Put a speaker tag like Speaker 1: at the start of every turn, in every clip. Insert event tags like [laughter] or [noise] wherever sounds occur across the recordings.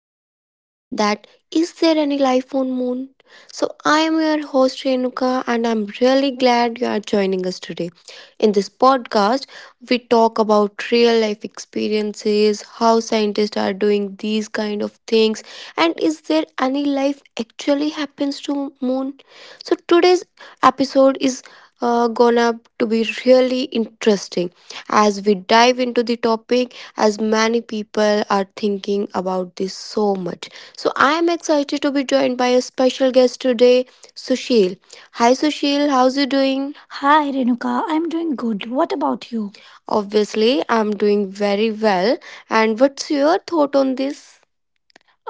Speaker 1: podcast that Is There Any Life on Moon? So, I am your host Renuka, and I'm really glad you are joining us today. In this podcast, we talk about real life experiences, how scientists are doing these kind of things, and is there any life actually happens to moon? So, today's episode is gonna to be really interesting as we dive into the topic, as many people are thinking about this so much. So I am excited to be joined by a special guest today, Sushil. Hi Sushil, how's you doing? Hi Renuka, I'm doing good. What about you? Obviously I'm doing very well, and what's your thought on this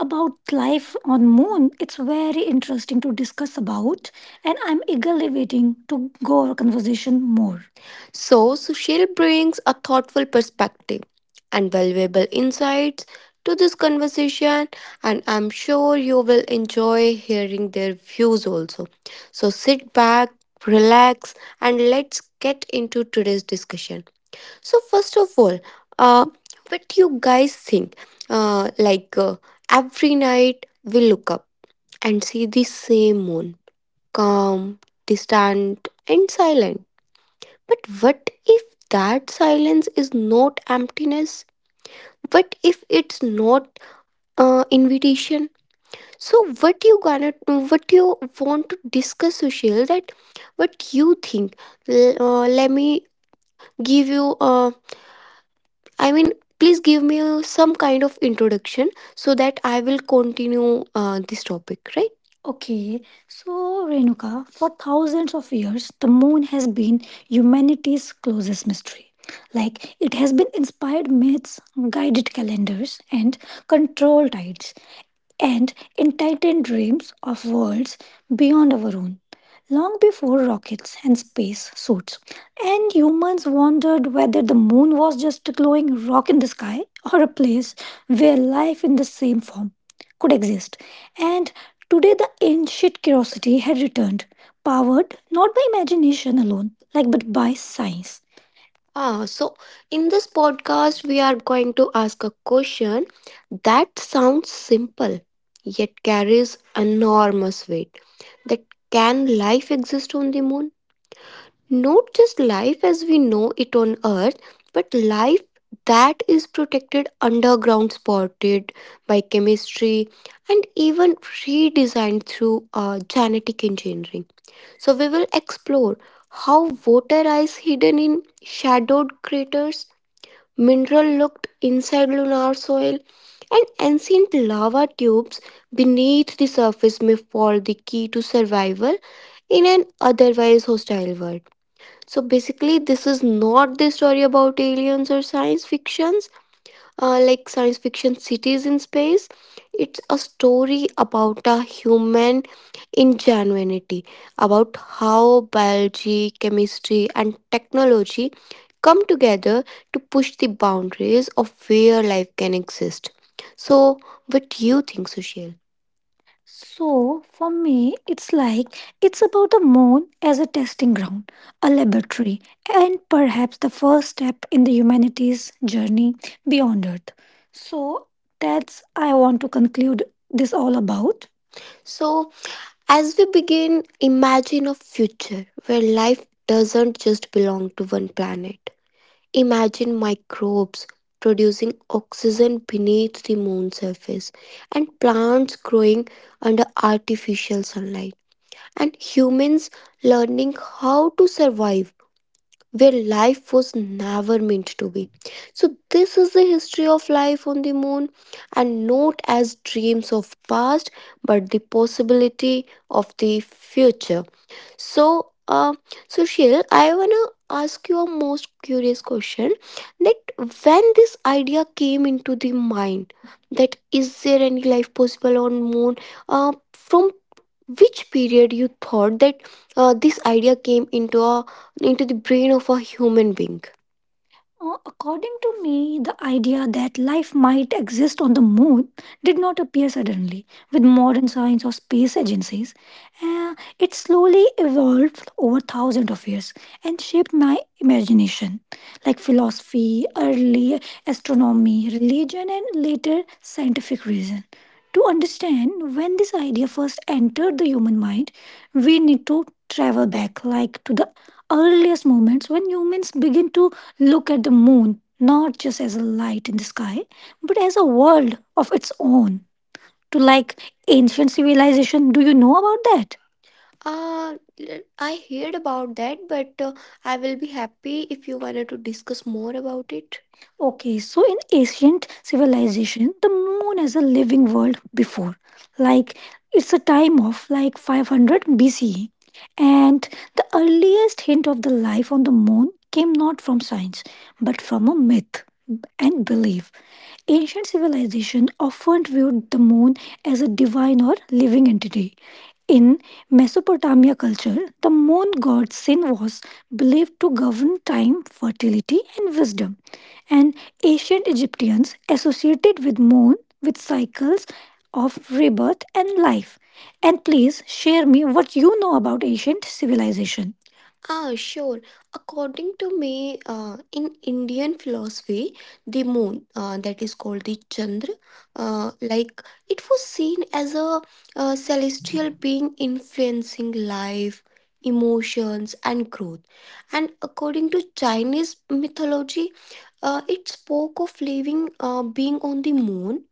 Speaker 1: about life on moon? It's very interesting to discuss about, and I'm eagerly waiting to go our conversation more. So, Sushil brings a thoughtful perspective and valuable insights to this conversation, and I'm sure you will enjoy hearing their views also. So, sit back, relax, and let's get into today's discussion. So first of all, uh, what do you guys think? Like, every night we look up and see the same moon, calm, distant, and silent. But what if that silence is not emptiness? What if it's not invitation? So what you gonna do? What you want to discuss, Sushil? That what you think? Let me give you, I mean, please give me some kind of introduction so that I will continue this topic, right? Okay, so Renuka, for thousands of years, the moon has been humanity's closest mystery. Like, it has been inspired myths, guided calendars, and controlled tides and enlightened dreams of worlds beyond our own. Long before rockets and space suits, and humans wondered whether the moon was just a glowing rock in the sky or a place where life in the same form could exist. And today, the ancient curiosity had returned, powered not by imagination alone, like but by science. Ah, so in this podcast, we are going to ask a question that sounds simple yet carries enormous weight. That can life exist on the moon? Not just life as we know it on Earth, but life that is protected underground, spotted by chemistry, and even redesigned through genetic engineering. So, we will explore how water is hidden in shadowed craters, mineral looked inside lunar soil, and ancient lava tubes beneath the surface may fall the key to survival in an otherwise hostile world. So basically, this is not the story about aliens or science fiction, like science fiction cities in space. It's a story about a human ingenuity, about how biology, chemistry, and technology come together to push the boundaries of where life can exist. So, what do you think, Sushil? So, for me, it's like it's about the moon as a testing ground, a laboratory, and perhaps the first step in the humanity's journey beyond Earth. So, that's I want to conclude this all about. So, as we begin, imagine a future where life doesn't just belong to one planet. Imagine microbes producing oxygen beneath the moon's surface, and plants growing under artificial sunlight, and humans learning how to survive where life was never meant to be. So, this is the history of life on the moon, and not as dreams of past, but the possibility of the future. So, uh, so Sheil, I wanna ask you a most curious question. That when this idea came into the mind, that is there any life possible on moon? From which period you thought that this idea came into a into the brain of a human being? According to me, the idea that life might exist on the moon did not appear suddenly with modern science or space agencies. It slowly evolved over thousands of years and shaped my imagination, like philosophy, early astronomy, religion, and later scientific reason. To understand when this idea first entered the human mind, we need to travel back, like to the earliest moments when humans begin to look at the moon not just as a light in the sky, but as a world of its own. To like ancient civilization, do you know about that? I heard about that, but I will be happy if you wanted to discuss more about it. Okay, so in ancient civilization, the moon as a living world before, like it's a time of like 500 BCE, and the earliest hint of the life on the moon came not from science but from a myth and belief. Ancient civilization often viewed the moon as a divine or living entity. In Mesopotamia culture, the moon god Sin was believed to govern time, fertility, and wisdom. And ancient Egyptians associated with moon with cycles of rebirth and life. And please share me what you know about ancient civilization. Ah, sure. According to me, in Indian philosophy, the moon, that is called the Chandra, like it was seen as a celestial being influencing life, emotions, and growth. And according to Chinese mythology, it spoke of living being on the moon,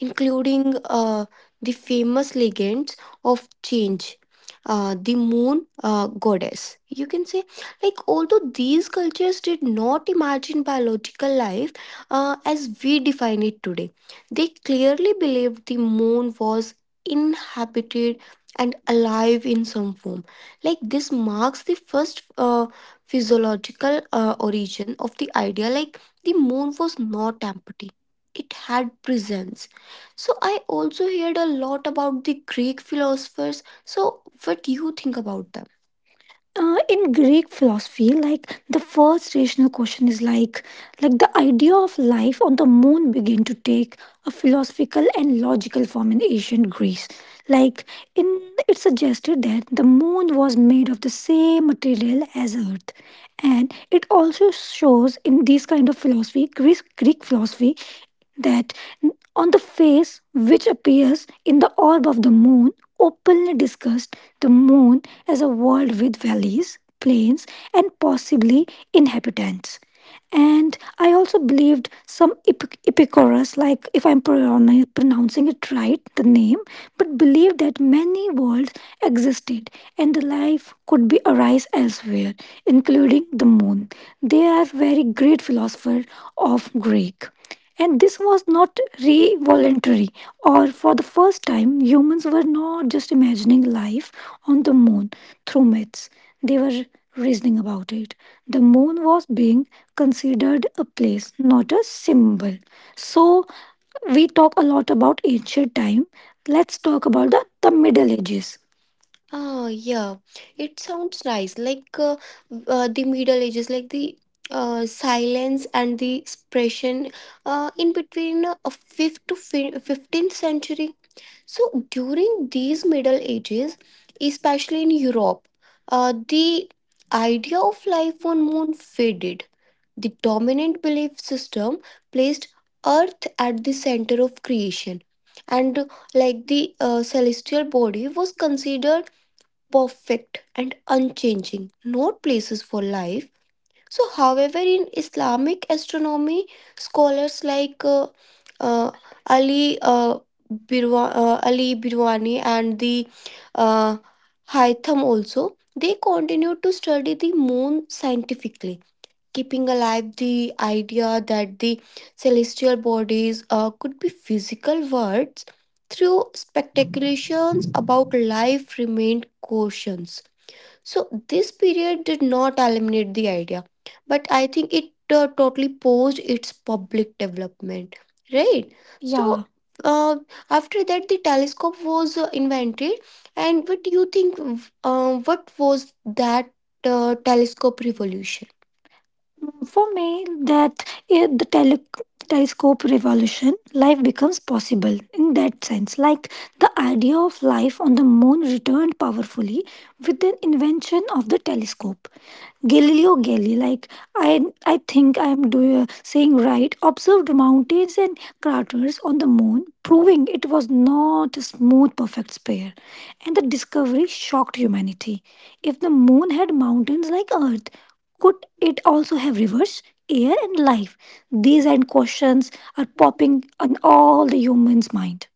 Speaker 1: including the famous legends of change. The moon goddess, you can say, like, although these cultures did not imagine biological life as we define it today, they clearly believed the moon was inhabited and alive in some form. Like this marks the first physiological origin of the idea like the moon was not empty. It had presence. So I also heard a lot about the Greek philosophers. So what do you think about them? In Greek philosophy, like the first rational question is like the idea of life on the moon began to take a philosophical and logical form in ancient Greece. Like in it suggested that the moon was made of the same material as Earth, and it also shows in these kind of philosophy, Greek philosophy, that on the face which appears in the orb of the moon openly discussed the moon as a world with valleys, plains, and possibly inhabitants. And I also believed some Epicurus, like if I'm pronouncing it right, the name, but believed that many worlds existed and the life could be arise elsewhere, including the moon. They are very great philosopher of Greek. And this was not re voluntary, or for the first time, humans were not just imagining life on the moon through myths facts. They were reasoning about it. The moon was being considered a place, not a symbol. So, we talk a lot about ancient time. Let's talk about the Middle Ages. Ah, yeah, it sounds nice. Like the Middle Ages, like the silence and the expression in between 5th to 15th century. So during these Middle Ages, especially in Europe, the idea of life on moon faded. The dominant belief system placed Earth at the center of creation, and like the celestial body was considered perfect and unchanging, not places for life. So, however, in Islamic astronomy, scholars like uh, Ali Ali Birwani and the uh, Haytham also, they continued to study the moon scientifically, keeping alive the idea that the celestial bodies could be physical worlds through spectacular life remained cautions. So this period did not eliminate the idea. I think it totally posed its public development, right? Yeah. So yeah, uh, after that, the telescope invented. But do you think what was that telescope revolution? For me, that telescope revolution, life becomes possible. In that sense, like the idea of life on the moon returned powerfully with the invention of the telescope. Galileo Galilei, like I, I think I'm doing, saying right, observed mountains and craters on the moon, proving it was not a smooth, perfect sphere. And the discovery shocked humanity. If the moon had mountains like Earth, could it also have rivers, air, and life? These and questions are popping on all the humans' mind,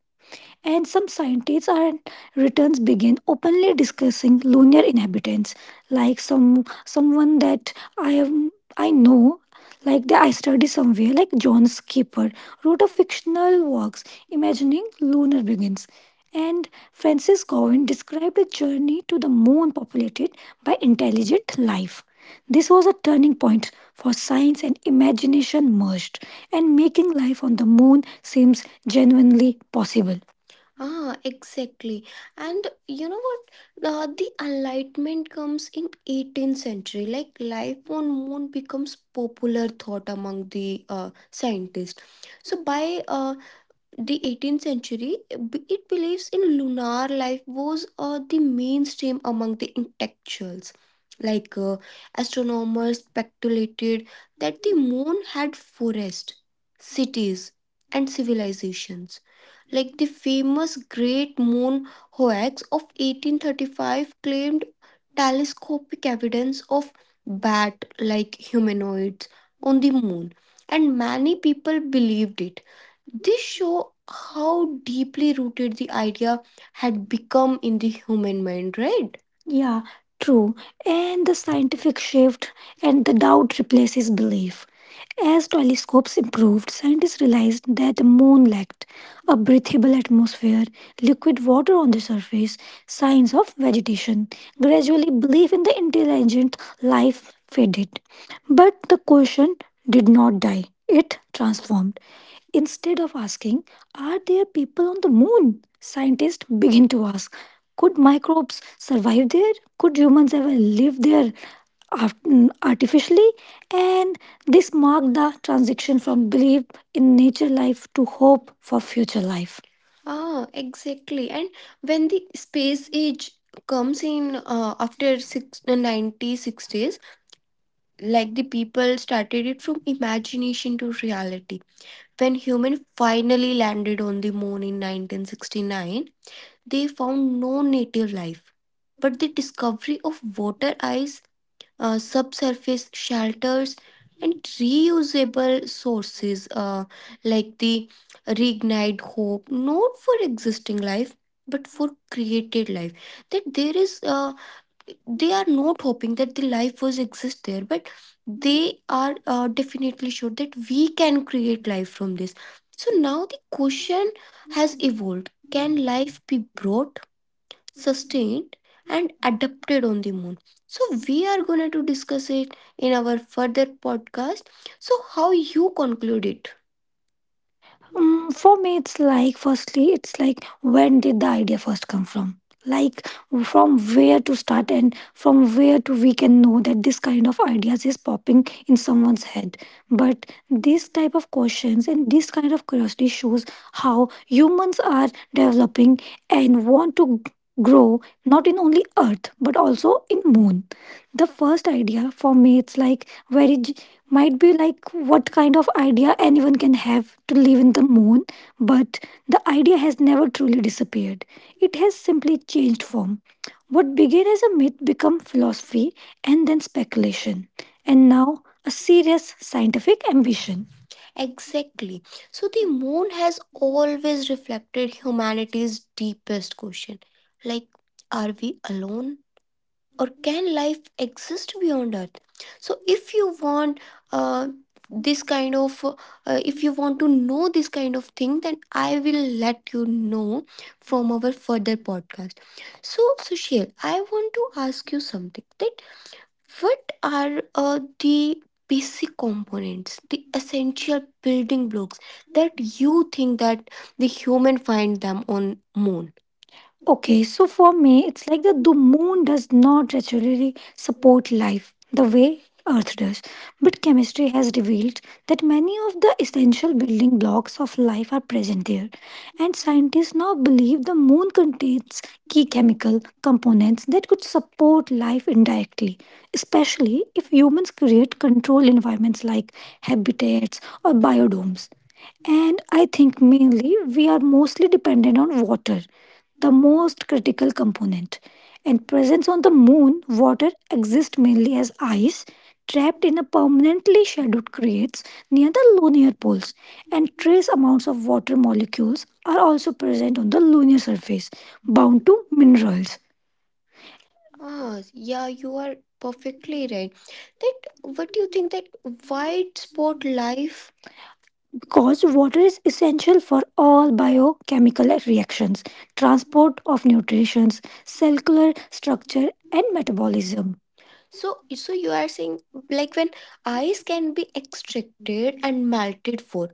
Speaker 1: and some scientists and returns begin openly discussing lunar inhabitants. Like someone that I am, I know, like that I study somewhere, like John Skipper wrote a fictional works imagining lunar beings, and Francis Gowan described a journey to the moon populated by intelligent life. This was a turning point for science and imagination merged, and making life on the moon seems genuinely possible. Ah, exactly. And you know what? The enlightenment comes in 18th century. Like life on moon becomes popular thought among the scientists. So by the 18th century, it believes in lunar life was the mainstream among the intellectuals. Like astronomers speculated that the moon had forests, cities, and civilizations. Like the famous Great Moon Hoax of 1835 claimed telescopic evidence of bat like humanoids on the moon, and many people believed it. This show how deeply rooted the idea had become in the human mind, right? Yeah, true. And the scientific shift and the doubt replaces belief. As telescopes improved, scientists realized that the moon lacked a breathable atmosphere, liquid water on the surface, signs of vegetation. Gradually, belief in the intelligent life faded. But the question did not die, it transformed. Instead of asking, are there people on the moon? Scientists begin to ask, could microbes survive there? Could humans ever live there art- artificially? And this marked the transition from belief in nature life to hope for future life. Ah, exactly. And when the space age comes in after six, 90s, 60s, like the people started it from imagination to reality. When humans finally landed on the moon in 1969, they found no native life. But the discovery of water ice, subsurface shelters, and reusable sources like the reignite hope, not for existing life, but for created life. That there is a, they are not hoping that the life was exist there, but they are definitely sure that we can create life from this. So now the question has, can life be brought, sustained, and adapted on the moon? So we are going to discuss it in our further podcast. So how you conclude it? For me, it's like firstly, it's like when did the idea first come from? Like from where to start and from where to we can know that this kind of ideas is popping in someone's head. But these type of questions and this kind of curiosity shows how humans are developing and want to grow not in only earth but also in moon. The first idea for me it's like very might be like what kind of idea anyone can have to live in the moon. But the idea has never truly disappeared, it has simply changed form. What began as a myth became philosophy, and then speculation, and now a serious scientific ambition. Exactly. So the moon has always reflected humanity's deepest question, like, are we alone? Or can life exist beyond earth? So if you want uh, this kind of if you want to know this kind of thing then I will let you know from our further podcast. So Sushil, I want to ask you something, that what are the basic components, the essential building blocks that you think that the human find them on moon? Okay, so for me, it's like that the moon does not naturally support life the way Earth does. But chemistry has revealed that many of the essential building blocks of life are present there. And scientists now believe the moon contains key chemical components that could support life indirectly, especially if humans create controlled environments like habitats or biodomes. And I think mainly we are mostly dependent on water, the most critical component. And presence on the moon, water exists mainly as ice trapped in a permanently shadowed crates near the lunar poles, and trace amounts of water molecules are also present on the lunar surface, bound to minerals. Ah, yeah, you are perfectly right. That what is that white spot life? Because water is essential for all biochemical reactions, transport of nutrients, cellular structure, and metabolism. So you are saying like when ice can be extracted and melted for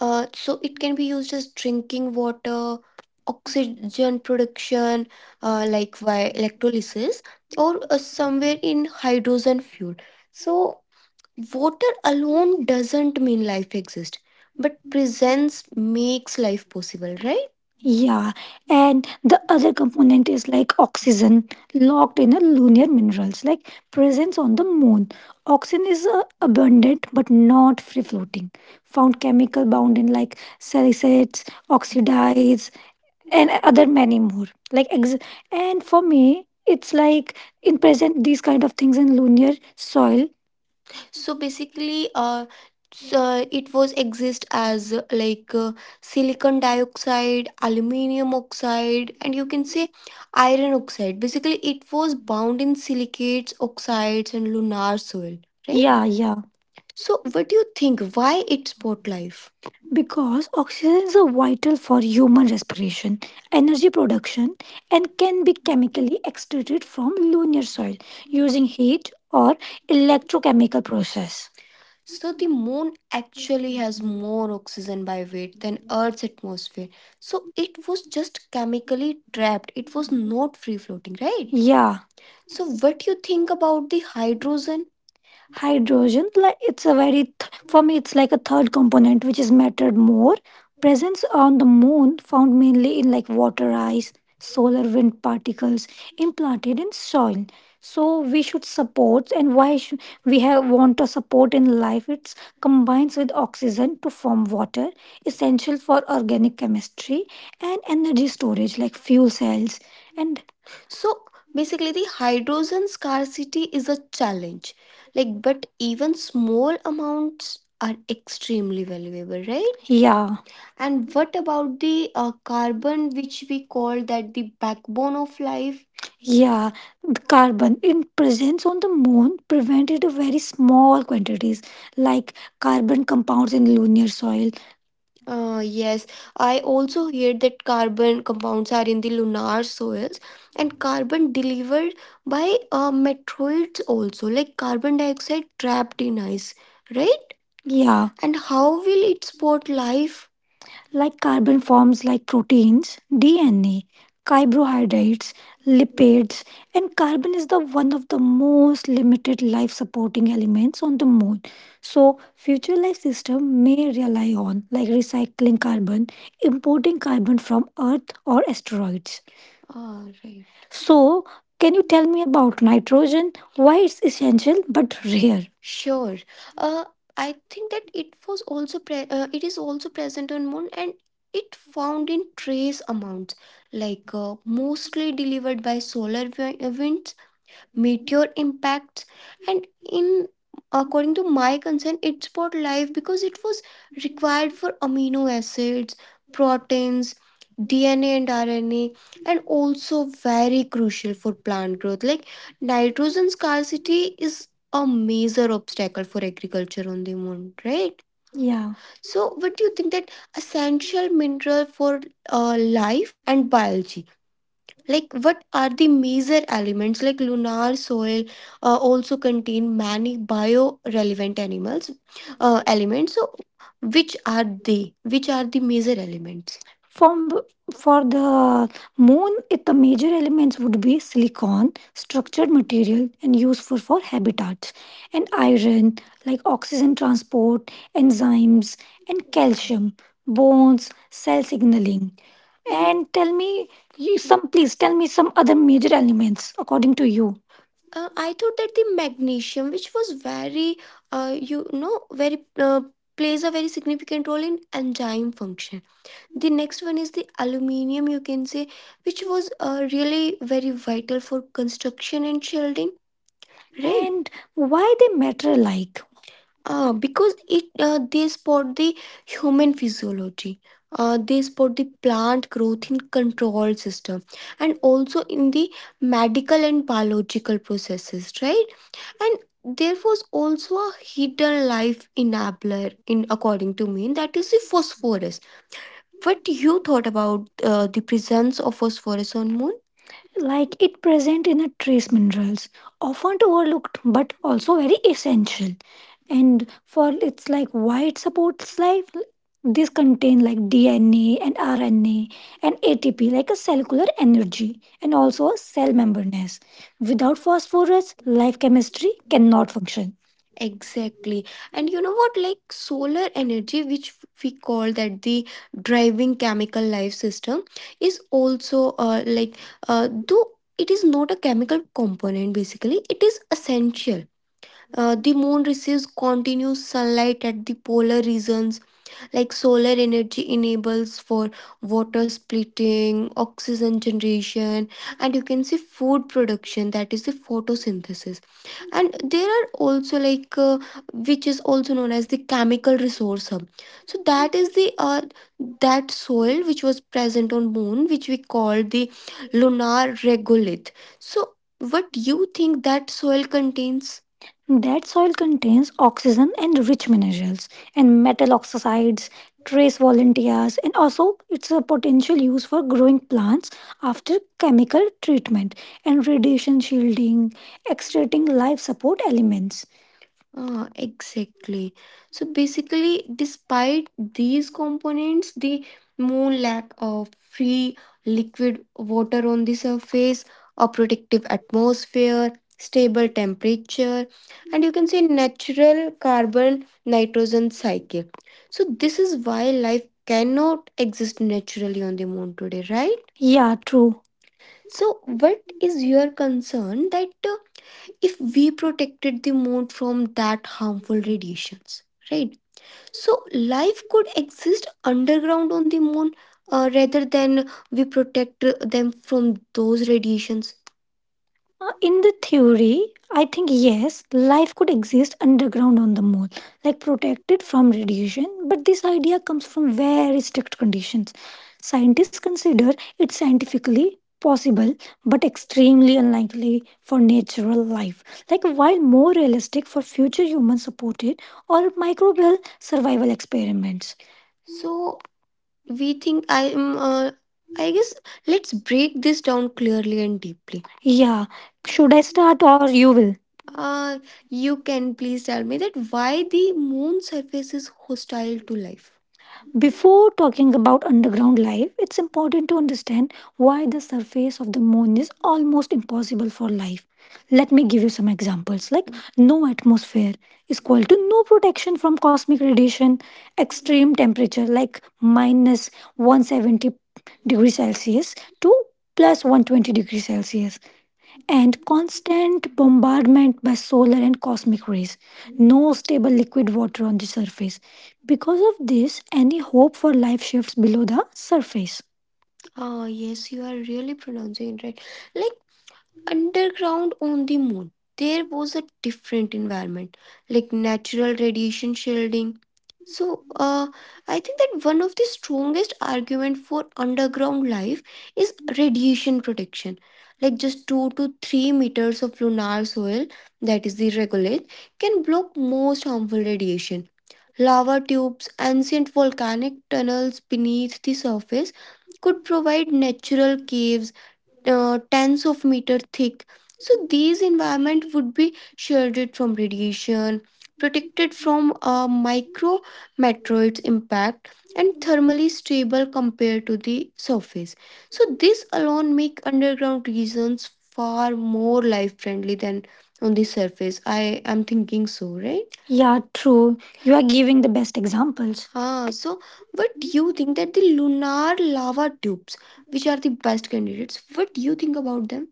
Speaker 1: so it can be used as drinking water, oxygen production,
Speaker 2: Thank
Speaker 1: like via electrolysis or somewhere in hydrogen fuel. So water alone doesn't mean life exists, but presence makes life possible, right? Yeah, and the other component is like oxygen locked in a lunar minerals, like presence on the moon. Oxygen is abundant but not free floating. Found chemical bound in like salicylates, oxidides, and other many more. Like and for me, it's like in present these kind of things in lunar soil basically so it was exist as like silicon dioxide aluminium oxide and you can say iron oxide, basically it was bound in silicates oxides and lunar soil, right? Yeah, yeah. So what do you think why it's spot life? Because oxygen is a vital for human respiration, energy production, and can be chemically extracted from lunar soil using heat or electrochemical process. So the moon actually has more oxygen by weight than Earth's atmosphere. So it was just chemically trapped. It was not free floating, right? Yeah. So what do you think about the hydrogen? Hydrogen like it's a very for me it's like a third component which is mattered more. Presence on the moon found mainly in like water ice, solar wind particles implanted in soil. So we should support, and why should we have want to support in life? It combines with oxygen to form water, essential for organic chemistry and energy storage like fuel cells. And so basically, the hydrogen scarcity is a challenge. Like, but even small amounts are extremely valuable, right? Yeah. And what about the carbon, which we call that the backbone of life? Yeah, the carbon in presence on the moon prevented a very small quantities, like carbon compounds in lunar soil. Yes, I also hear that carbon compounds are in the lunar soils, and carbon delivered by meteorites also, like carbon dioxide trapped in ice, right? Yeah. And how will it support life? Like carbon forms like proteins, DNA, carbohydrates, lipids, and carbon is the one of the most limited life supporting elements on the moon. So future life system may rely on like recycling carbon, importing carbon from earth or asteroids. Ah, right. So can you tell me about nitrogen? Why it's essential but rare? Sure. Uh, I think that it was also it is also present on moon, and it found in trace amounts like mostly delivered by solar winds, meteor impacts, and in according to my concern it spot life because it was required for amino acids, proteins, DNA and RNA, and also very crucial for plant growth. Like nitrogen scarcity is a major obstacle for agriculture on the moon, right? Yeah. So, what do you think that essential mineral for life and biology? Like what are the major elements? Like lunar soil also contain many bio-relevant animals elements. So which are they, which are the major elements? From for the moon, it, the major elements would be silicon, structured material, and useful for habitats, and iron, like oxygen transport, enzymes, and calcium, bones, cell signaling. And tell me you some, please tell me some other major elements according to you. I thought that the magnesium, which was very, very uh, plays a very significant role in enzyme function. The next one is the aluminium, you can say, which was really very vital for construction and shielding, right? And why they matter, like because it they spot the human physiology. They spot the plant growth in control system and also in the medical and biological processes, right? And there was also a hidden life enabler in according to me, and that is the phosphorus. What you thought about the presence of phosphorus on moon? Like it present in a trace minerals, often overlooked but also very essential. And for it's like why it supports life, this contain like DNA and RNA and ATP like a cellular energy and also a cell membraneness. Without phosphorus life chemistry cannot function. Exactly. And you know what? Like solar energy, which we call that the driving chemical life system, is also like though it is not a chemical component, basically, it is essential. The moon receives continuous sunlight at the polar regions, like solar energy enables for water splitting, oxygen generation, and you can see food production, that is the photosynthesis. And there are also like which is also known as the chemical resource hub. So that is the that soil which was present on moon which we call the lunar regolith. So what do you think that soil contains? That soil contains oxygen and rich minerals and metal oxides, trace volunteers, and also it's a potential use for growing plants after chemical treatment and radiation shielding. Extracting life support elements. Ah, exactly. So basically, despite these components, the moon lack of free liquid water on the surface, a protective atmosphere, stable temperature, and you can say natural carbon nitrogen cycle. So this is why life cannot exist naturally on the moon today, right? Yeah, true. So, what is your concern that if we protected the moon from that harmful radiations, right, so life could exist underground on the moon, rather than we protect them from those radiations? In the theory, I think yes, life could exist underground on the moon, like protected from radiation, but this idea comes from very strict conditions. Scientists consider it scientifically possible but extremely unlikely for natural life. Like, while more realistic for future human supported or microbial survival experiments. We think I am uh, this Let's break this down clearly and deeply. Yeah. Should I start or you will? Uh, you can please tell me that why the moon surface is hostile to life. Before talking about underground life, it's important to understand why the surface of the moon is almost impossible for life. Let me give you some examples, like no atmosphere is equal to no protection from cosmic radiation, extreme temperature like minus 170 degrees Celsius to plus 120 degrees Celsius, and constant bombardment by solar and cosmic rays. No stable liquid water on the surface. Because of this, any hope for life shifts below the surface. Ah, yes, you are really pronouncing it right. Like, underground on the moon, there was a different environment, like natural radiation shielding. So I think that one of the strongest argument for underground life is radiation protection, like just 2 to 3 meters of lunar soil, that is the regolith, can block most harmful radiation. Lava tubes, ancient volcanic tunnels beneath the surface, could provide natural caves, tens of meter thick. So these environment would be shielded from radiation, protected from micro meteorites impact, and thermally stable compared to the surface. So this alone make underground regions far more life friendly than on the surface, I am thinking so, right? Yeah, true. You are giving the best examples. Ah, so, but do you think that the lunar lava tubes, which are the best candidates? What do you think about them?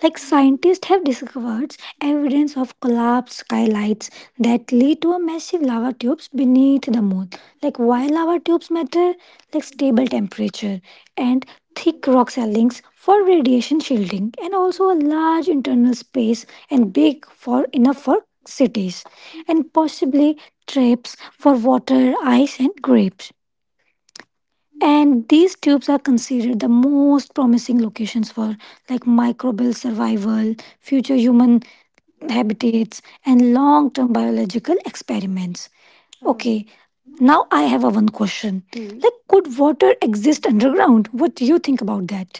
Speaker 1: Like, scientists have discovered evidence of collapsed skylights that lead to a massive lava tubes beneath the moon. Like, why lava tubes matter? Like stable temperature and thick rock ceilings for radiation shielding, and also a large internal space and big for enough for cities, possibly traps for water, ice, and grapes, and these tubes are considered the most promising locations for like microbial survival, future human habitats, and long-term biological experiments. Mm, okay. Now I have a one question. Mm. Like, could water exist underground? What do you think about that?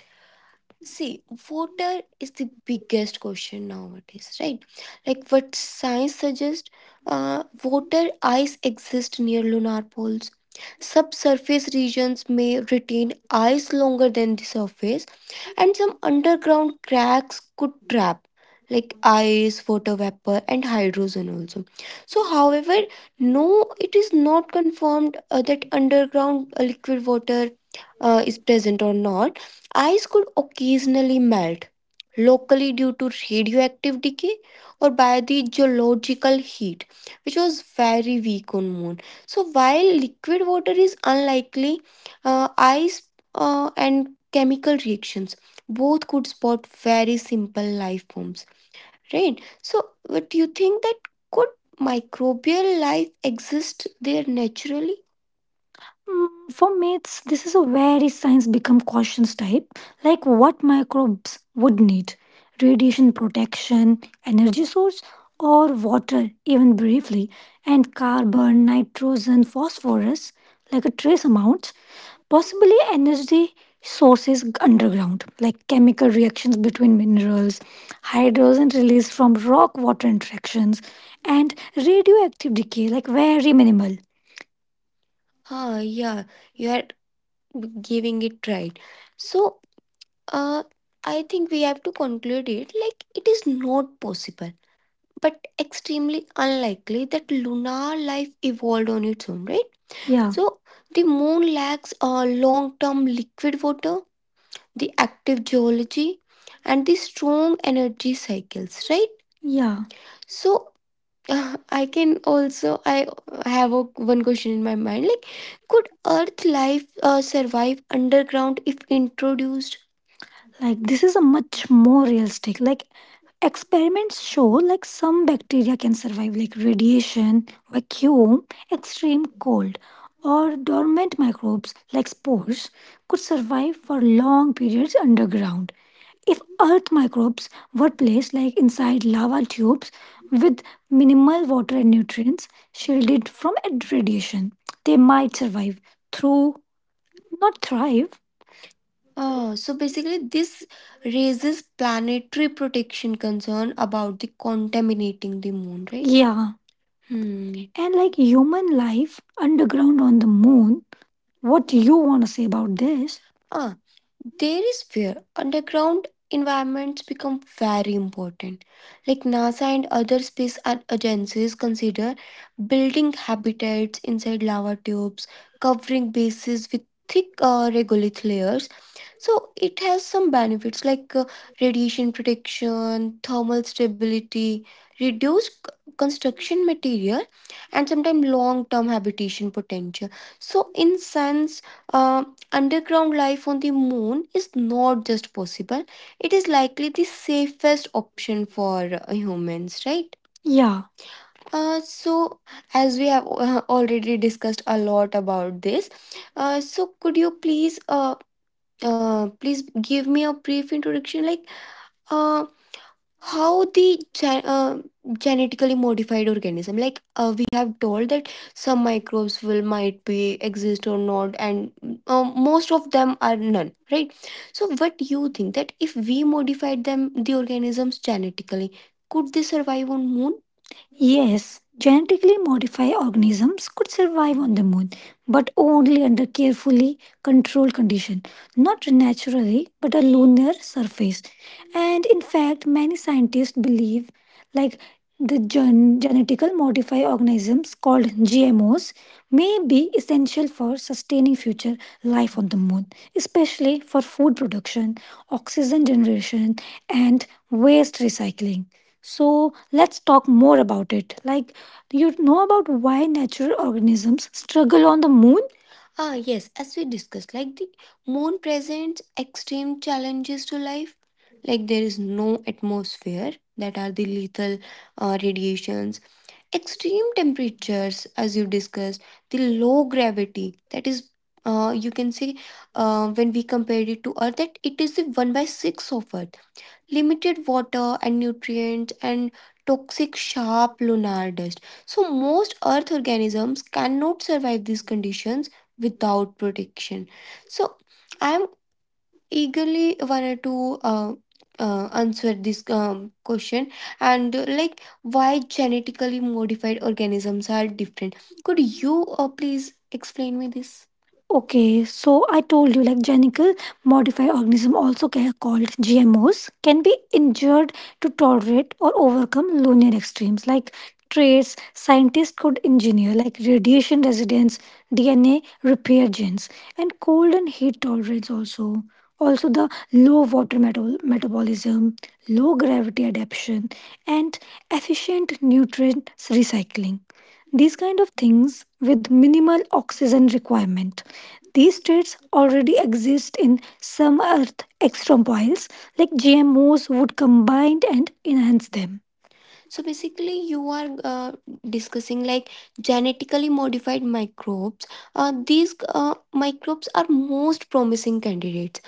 Speaker 1: See, water is the biggest question nowadays, right? Like, what science suggests, water ice exists near lunar poles, subsurface regions may retain ice longer than the surface, and some underground cracks could trap like ice, water vapor, and hydrogen also. So however, no, it is not confirmed that underground liquid water is present or not. Ice could occasionally melt locally due to radioactive decay or by the geological heat, which was very weak on moon. So while liquid water is unlikely, ice and chemical reactions both could spot very simple life forms, right? So what do you think, that could microbial life exist there naturally? Mm, for mates, this is a very science become cautions type, like what microbes would need: radiation protection, energy source, or water, even briefly, and carbon, nitrogen, phosphorus, like a trace amount, possibly energy sources underground, like chemical reactions between minerals, hydrogen released from rock water interactions, and radioactive decay, like very minimal. Ah, yeah, you are giving it right. So uh, I think we have to conclude it, like it is not possible but extremely unlikely that lunar life evolved on its own, right? Yeah. So the moon lacks a long-term liquid water, the active geology, and the strong energy cycles, right? Yeah. So. I can also I have a, one question in my mind, like could earth life survive underground if introduced? Like this is a much more realistic, like experiments show, like some bacteria can survive like radiation vacuum, extreme cold, or dormant microbes like spores could survive for long periods underground. If earth microbes were placed like inside lava tubes with minimal water and nutrients, shielded from radiation, they might survive through, not thrive. Oh, so basically, this raises planetary protection concern about the contaminating the moon, right? Yeah. Hmm. And like human life underground on the moon, what do you want to say about this? Ah, there is where underground environments become very important. Like NASA and other space agencies consider building habitats inside lava tubes, covering bases with thick regolith layers. So it has some benefits like radiation protection, thermal stability, reduced construction material, and sometimes long-term habitation potential. So in sense, uh, underground life on the moon is not just possible; it is likely the safest option for humans, right? Yeah. So, as we have already discussed a lot about this, so could you please please give me a brief introduction, like uh, how the genetically modified organism, like we have told that some microbes will might be exist or not, and most of them are none, right? So what do you think, that if we modified them the organisms genetically, could they survive on moon? Yes, genetically modified organisms could survive on the moon, but only under carefully controlled conditions, not naturally, but a lunar surface. And in fact, many scientists believe, like, the genetical modified organisms called gmos may be essential for sustaining future life on the moon, especially for food production, oxygen generation, and waste recycling. So let's talk more about it, like do you know about why natural organisms struggle on the moon? Ah, yes, as we discussed, like the moon presents extreme challenges to life, like there is no atmosphere, that are the lethal radiations, extreme temperatures as you discussed, the low gravity, that is you can say, when we compare it to earth, that it is the 1 by 6 of earth, limited water and nutrients, and toxic sharp lunar dust. So most earth organisms cannot survive these conditions without protection. So I am eagerly wanted to answer this question, and like why genetically modified organisms are different. Could you please explain me this? Okay, so I told you, like genical modified organisms, also called GMOs, can be injured to tolerate or overcome lunar extremes, like traits scientists could engineer, like radiation residence, DNA repair genes, and cold and heat tolerance also. Also, the low water metabolism, low gravity adaptation, and efficient nutrient recycling. These kind of things with minimal oxygen requirement. These states already exist in some earth extramoiles, like GMOs would combine and enhance them. So basically, you are discussing like genetically modified microbes. These microbes are most promising candidates.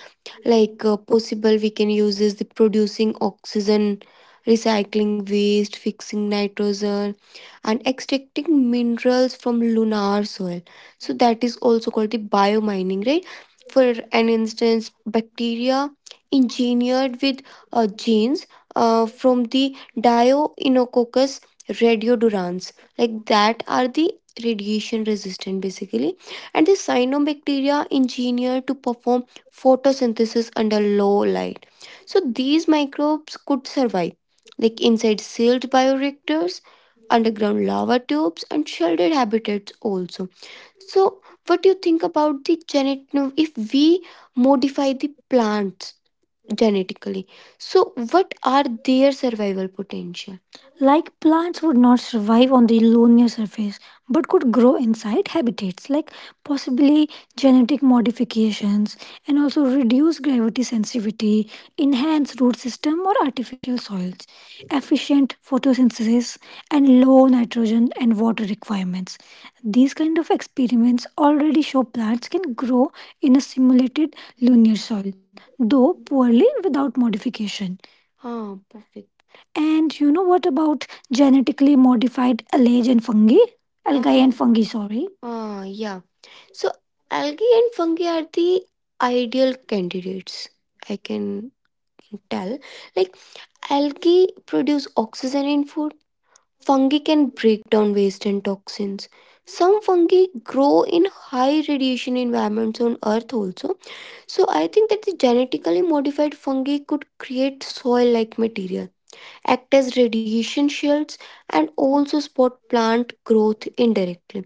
Speaker 1: Like possible, we can use is the producing oxygen, recycling waste, fixing nitrogen, and extracting minerals from lunar soil. So that is also called the biomining, right? For an instance, bacteria engineered with genes from the Dioenococcus radiodurans. Like that are the radiation resistant basically. And the cyanobacteria engineered to perform photosynthesis under low light. So these microbes could survive like inside sealed bioreactors, underground lava tubes, and sheltered habitats also. So what do you think about the genetic, if we modify the plants genetically? So, what are their survival potential? Like plants would not survive on the lunar surface but could grow inside habitats, like possibly genetic modifications and also reduce gravity sensitivity, enhance root system or artificial soils, efficient photosynthesis, and low nitrogen and water requirements. These kind of experiments already show plants can grow in a simulated lunar soil, though poorly without modification. Ah, perfect. And you know what about genetically modified algae and fungi? Algae and fungi, sorry. Ah, yeah. So algae and fungi are the ideal candidates. I can tell. Like algae produce oxygen in food. Fungi can break down waste and toxins. Some fungi grow in high radiation environments on Earth also. So I think that the genetically modified fungi could create soil-like material, act as radiation shields, and also support plant growth indirectly.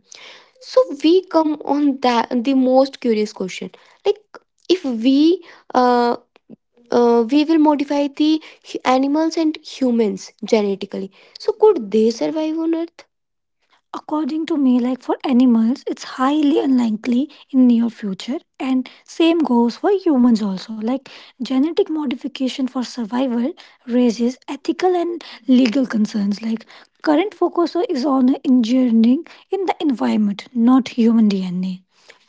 Speaker 1: So we come on that the most curious question, like if we uh, we will modify the animals and humans genetically, so could they survive on Earth? According to me, like for animals, it's highly unlikely in near future, and same goes for humans also. Like genetic modification for survival raises ethical and legal concerns. Like current focus is on engineering in the environment, not human DNA.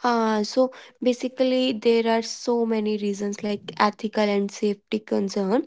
Speaker 1: So basically, there are so many reasons, like ethical and safety concern,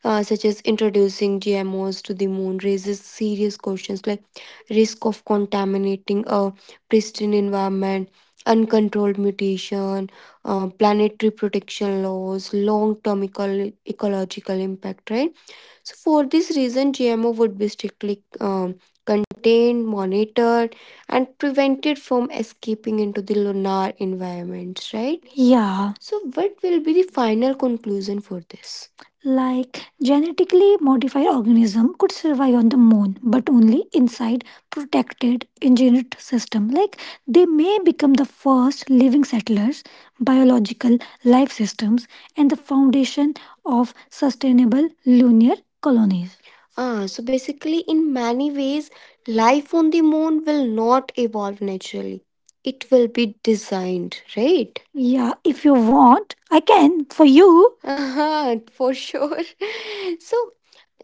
Speaker 1: such as introducing GMOs to the moon raises serious questions. Like risk of contaminating a pristine environment, uncontrolled mutation, planetary protection laws, long term ecological impact, right? So, for this reason, GMO would be strictly contained, monitored, and prevented from escaping into the lunar environments, right? Yeah. So, what will be the final conclusion for this? Like genetically modified organism could survive on the moon, but only inside protected engineered system, like they may become the first living settlers, biological life systems, and the foundation of sustainable lunar colonies. So basically, in many ways, life on the moon will not evolve naturally. It will be designed, right? Yeah, if you want, I can for you. [laughs] Ah, for sure. [laughs] So,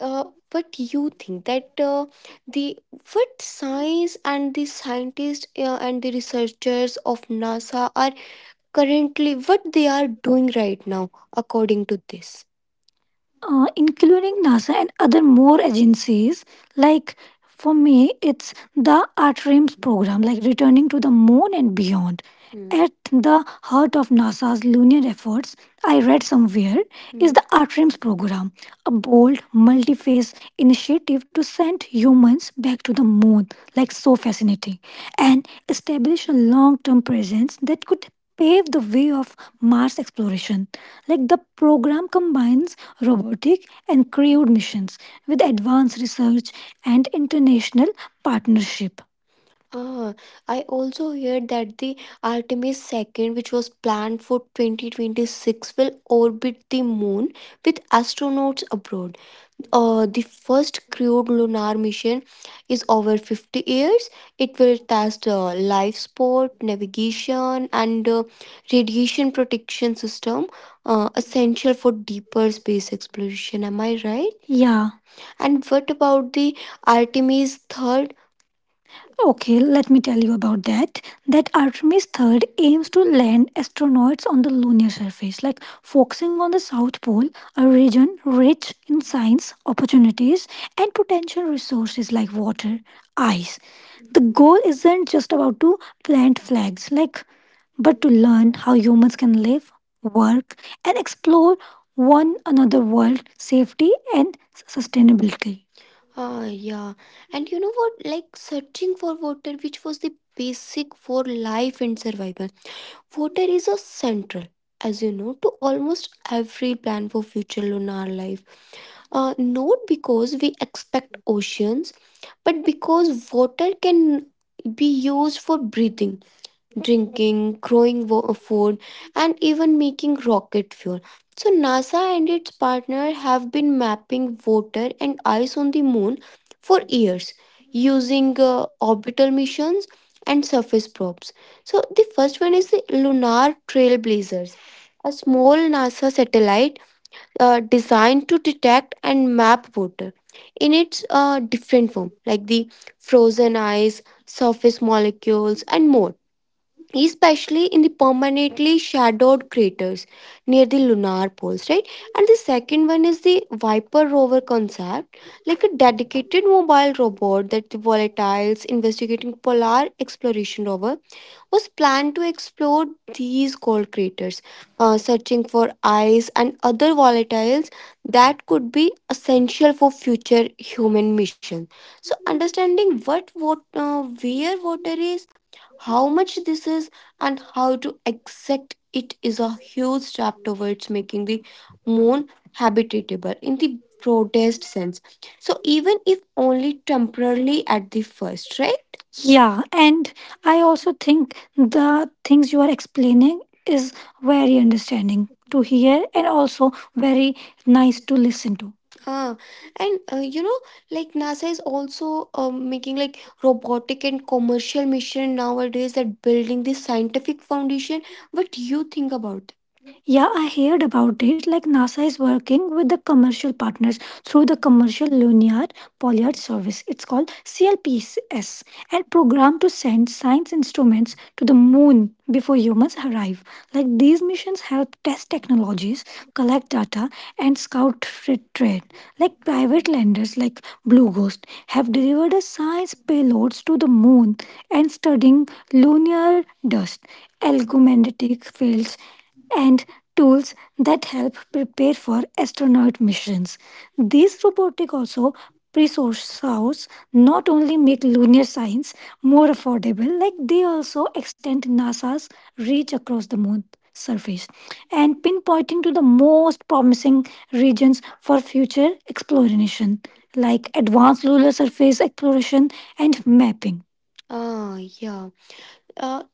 Speaker 1: uh, what do you think that the what science and the scientists and the researchers of NASA are currently what they are doing right now according to this? Including NASA and other more agencies. Like for me, it's the ARTRAMS program, like returning to the moon and beyond. Hmm. At the heart of NASA's lunar efforts, I read somewhere, Hmm. is the ARTRAMS program, a bold, multi phase initiative to send humans back to the moon. Like, so fascinating. And establish a long term presence that could paved the way of Mars exploration. Like the program combines robotic and crewed missions with advanced research and international partnership. Ah, I also hear that the Artemis second, which was planned for 2026, will orbit the moon with astronauts abroad. The first crewed lunar mission is over 50 years. It will test life support, navigation, and radiation protection system, essential for deeper space exploration. Am I right? Yeah. And what about the Artemis third? Okay, let me tell you about that. That Artemis third aims to land astronauts on the lunar surface, like focusing on the South Pole, a region rich in science, opportunities, and potential resources like water, ice. The goal isn't just about to plant flags, like but to learn how humans can live, work, and explore one another world safety and sustainability. Ah, yeah. And you know what? Like searching for water, which was the basic for life and survival. Water is a central, as you know, to almost every plan for future lunar life. Not because we expect oceans, but because water can be used for breathing drinking, growing food, and even making rocket fuel. So, NASA and its partner have been mapping water and ice on the moon for years using orbital missions and surface probes. So, the first one is the Lunar Trailblazers, a small NASA satellite designed to detect and map water in its different form, like the frozen ice, surface molecules, and more especially in the permanently shadowed craters near the lunar poles, right? And the second one is the Viper rover concept, like a dedicated mobile robot that the Volatiles investigating polar exploration rover was planned to explore these cold craters, searching for ice and other volatiles that could be essential for future human missions. So, understanding what where water is, how much this is and how to accept it is a huge step towards making the more habitable in the broadest sense. So even if only temporarily at the first, right? Yeah, and I also think the things you are explaining is very understanding to hear and also very nice to listen to. Ah, and You know, like NASA is also making like robotic and commercial mission nowadays that building the scientific foundation. What do you think about yeah, I heard about it. Like NASA is working with the commercial partners through the Commercial Lunar Pollard Service. It's called CLPS and programmed to send science instruments to the moon before humans arrive. Like these missions help test technologies, collect data, and scout trade. Like private landers like Blue Ghost have delivered a science payloads to the moon and studying lunar dust, electromagnetic fields, and tools that help prepare for astronaut missions. These robotic also resources not only make lunar science more affordable, like they also extend NASA's reach across the moon surface and pinpointing to the most promising regions for future exploration, like advanced lunar surface exploration and mapping. Ah, yeah. Uh,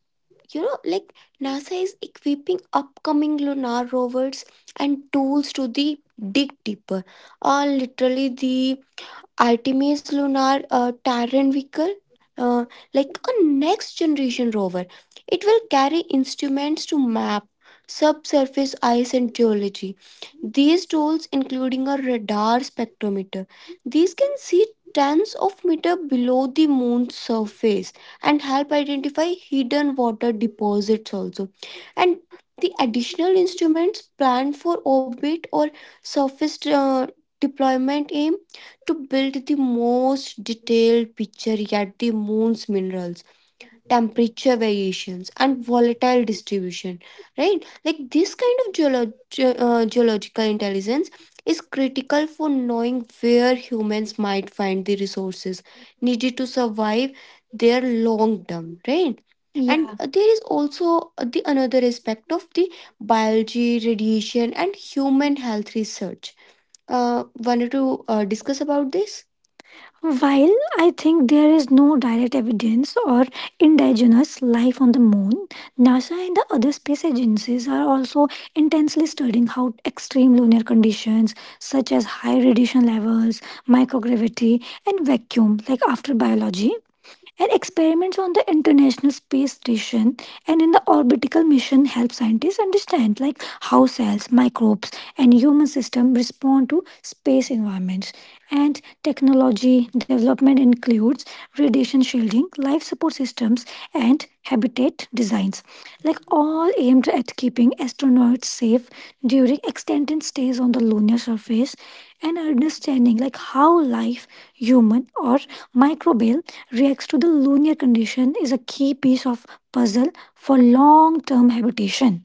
Speaker 1: you know, NASA is equipping upcoming lunar rovers and tools to the dig deeper, or literally the Artemis Lunar Terran Vehicle, uh, like a next generation rover. It will carry instruments to map subsurface ice and geology. These tools, including a radar spectrometer, these can see tons of meter below the moon's surface and help identify hidden water deposits also. And the additional instruments planned for orbit or surface deployment aim to build the most detailed picture yet the moon's minerals, temperature variations, and volatile distribution. Right? Like this kind of geological intelligence is critical for knowing where humans might find the resources needed to survive their long term, right? And yeah. There is also the another aspect of the biology, radiation, and human health research. Wanted to discuss about this? While I think there is no direct evidence or indigenous life on the moon, NASA and the other space agencies are also intensely studying how extreme lunar conditions such as high radiation levels, microgravity, and vacuum, like after biology, and experiments on the International Space Station and in the orbital mission help scientists understand like how cells, microbes, and human system respond to space environments. And technology development includes radiation shielding, life support systems, and habitat designs like all aimed at keeping astronauts safe during extended stays on the lunar surface and understanding like how life human or microbial reacts to the lunar condition is a key piece of puzzle for long term habitation.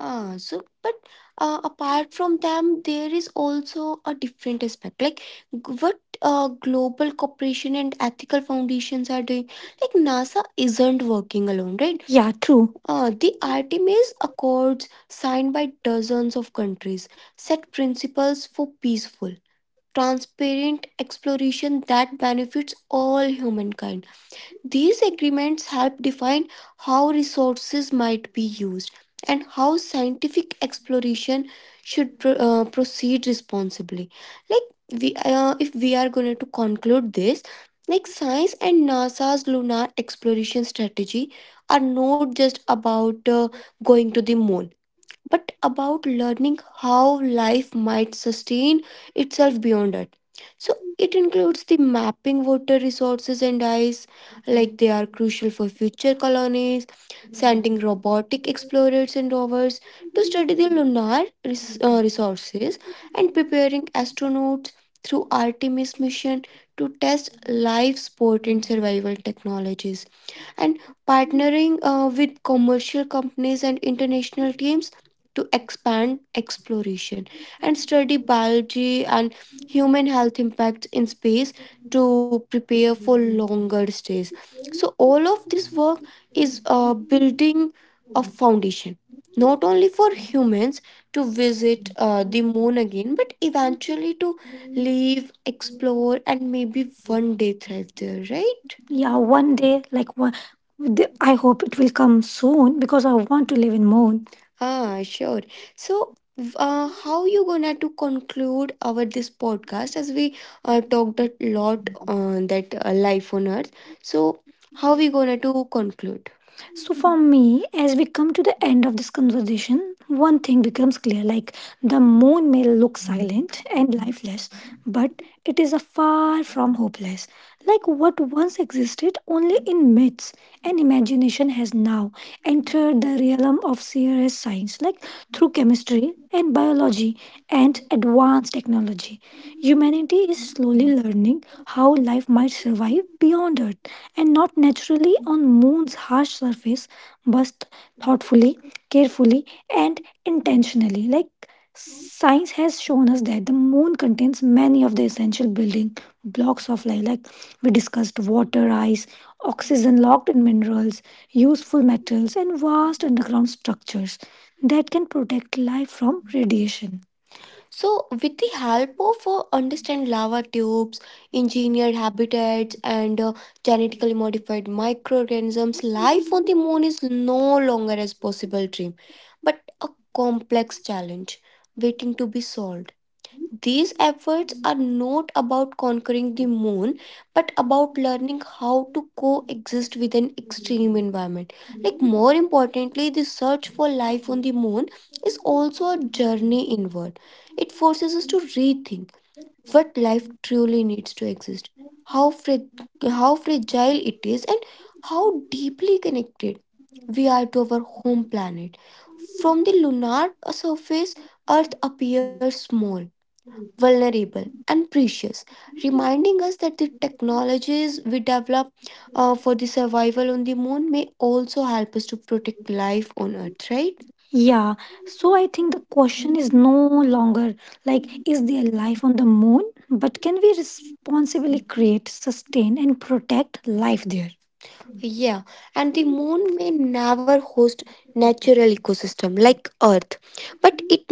Speaker 1: Ah, so but Apart from them, there is also a different aspect, like g- what global cooperation and ethical foundations are doing. Like NASA isn't working alone, right? Yeah, true. The Artemis Accords, signed by dozens of countries, set principles for peaceful, transparent exploration that benefits all humankind. These agreements help define how resources might be used and how scientific exploration should proceed responsibly. Like if we are going to conclude this, like science and NASA's lunar exploration strategy are not just about going to the moon, but about learning how life might sustain itself beyond Earth. So includes the mapping water resources and ice, like they are crucial for future colonies, sending robotic explorers and rovers to study lunar and preparing astronauts through Artemis mission to test life support and survival technologies and partnering with commercial companies and international teams to expand exploration and study biology and human health impacts in space to prepare for long so all of this work is a bit of foundation not only for humans to visit the moon again but eventually explore and maybe one day right? Yeah, one day, like I hope it will come soon because I want to live in moon. Ah, sure. So, how you gonna to conclude our this podcast as we talked a lot on that life on Earth. So, how we gonna to conclude? So for me, as we come to the end of this conversation, one thing becomes clear: like the moon may look silent and lifeless, it is a far from hopeless like what once existed only in myths and imagination has now entered the realm of serious science like through chemistry and biology and advanced technology humanity is slowly learning how life might survive beyond Earth, and not naturally on Moon's harsh surface, but thoughtfully, carefully, and intentionally. Like science has shown us that the Moon contains many of the essential building blocks of life, like we discussed water, ice, oxygen locked in minerals, useful metals, and vast underground structures that can protect life from radiation. So, with the help of understand lava tubes, engineered habitats, and genetically modified microorganisms, life on the moon is no longer a possible dream, but a complex challenge waiting to be solved. These efforts are not about conquering the moon, but about learning how to coexist with an extreme environment. Like, more importantly, the search for life on the moon is also a journey word. It forces us to rethink what life truly needs to exist, how, how fragile it is, and how deeply connected we are to our home planet. From the lunar surface, Earth appears small, vulnerable, and precious, reminding us that the technologies we develop for the survival on the moon may also help us to protect life on earth, right? Yeah, so I think the question is no longer like, is there life on the moon? But can we responsibly create, sustain, and protect life there? Yeah, and the moon may never host natural ecosystem like earth, but it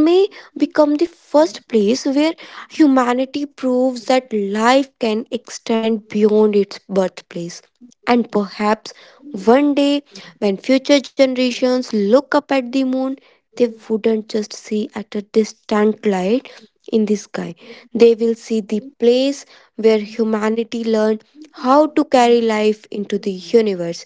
Speaker 1: become the first place where humanity proves that life can extend beyond its birthplace. And perhaps one day, when future generations look up at the moon, they wouldn't just see at a distant light in the sky, they will see the place where humanity learned how to carry life into the universe.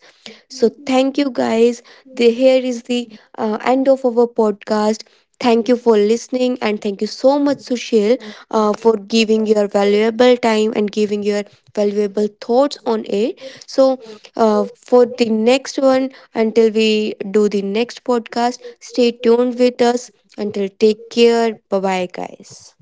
Speaker 1: Thank you, guys. The, here is the end of our podcast. Thank you for listening, and thank you so much, Sushil, uh, giving your valuable time and giving your valuable thoughts on it. So, for the next one, until we do the next podcast, stay
Speaker 2: you.
Speaker 1: with us. Until take care. Bye bye, guys.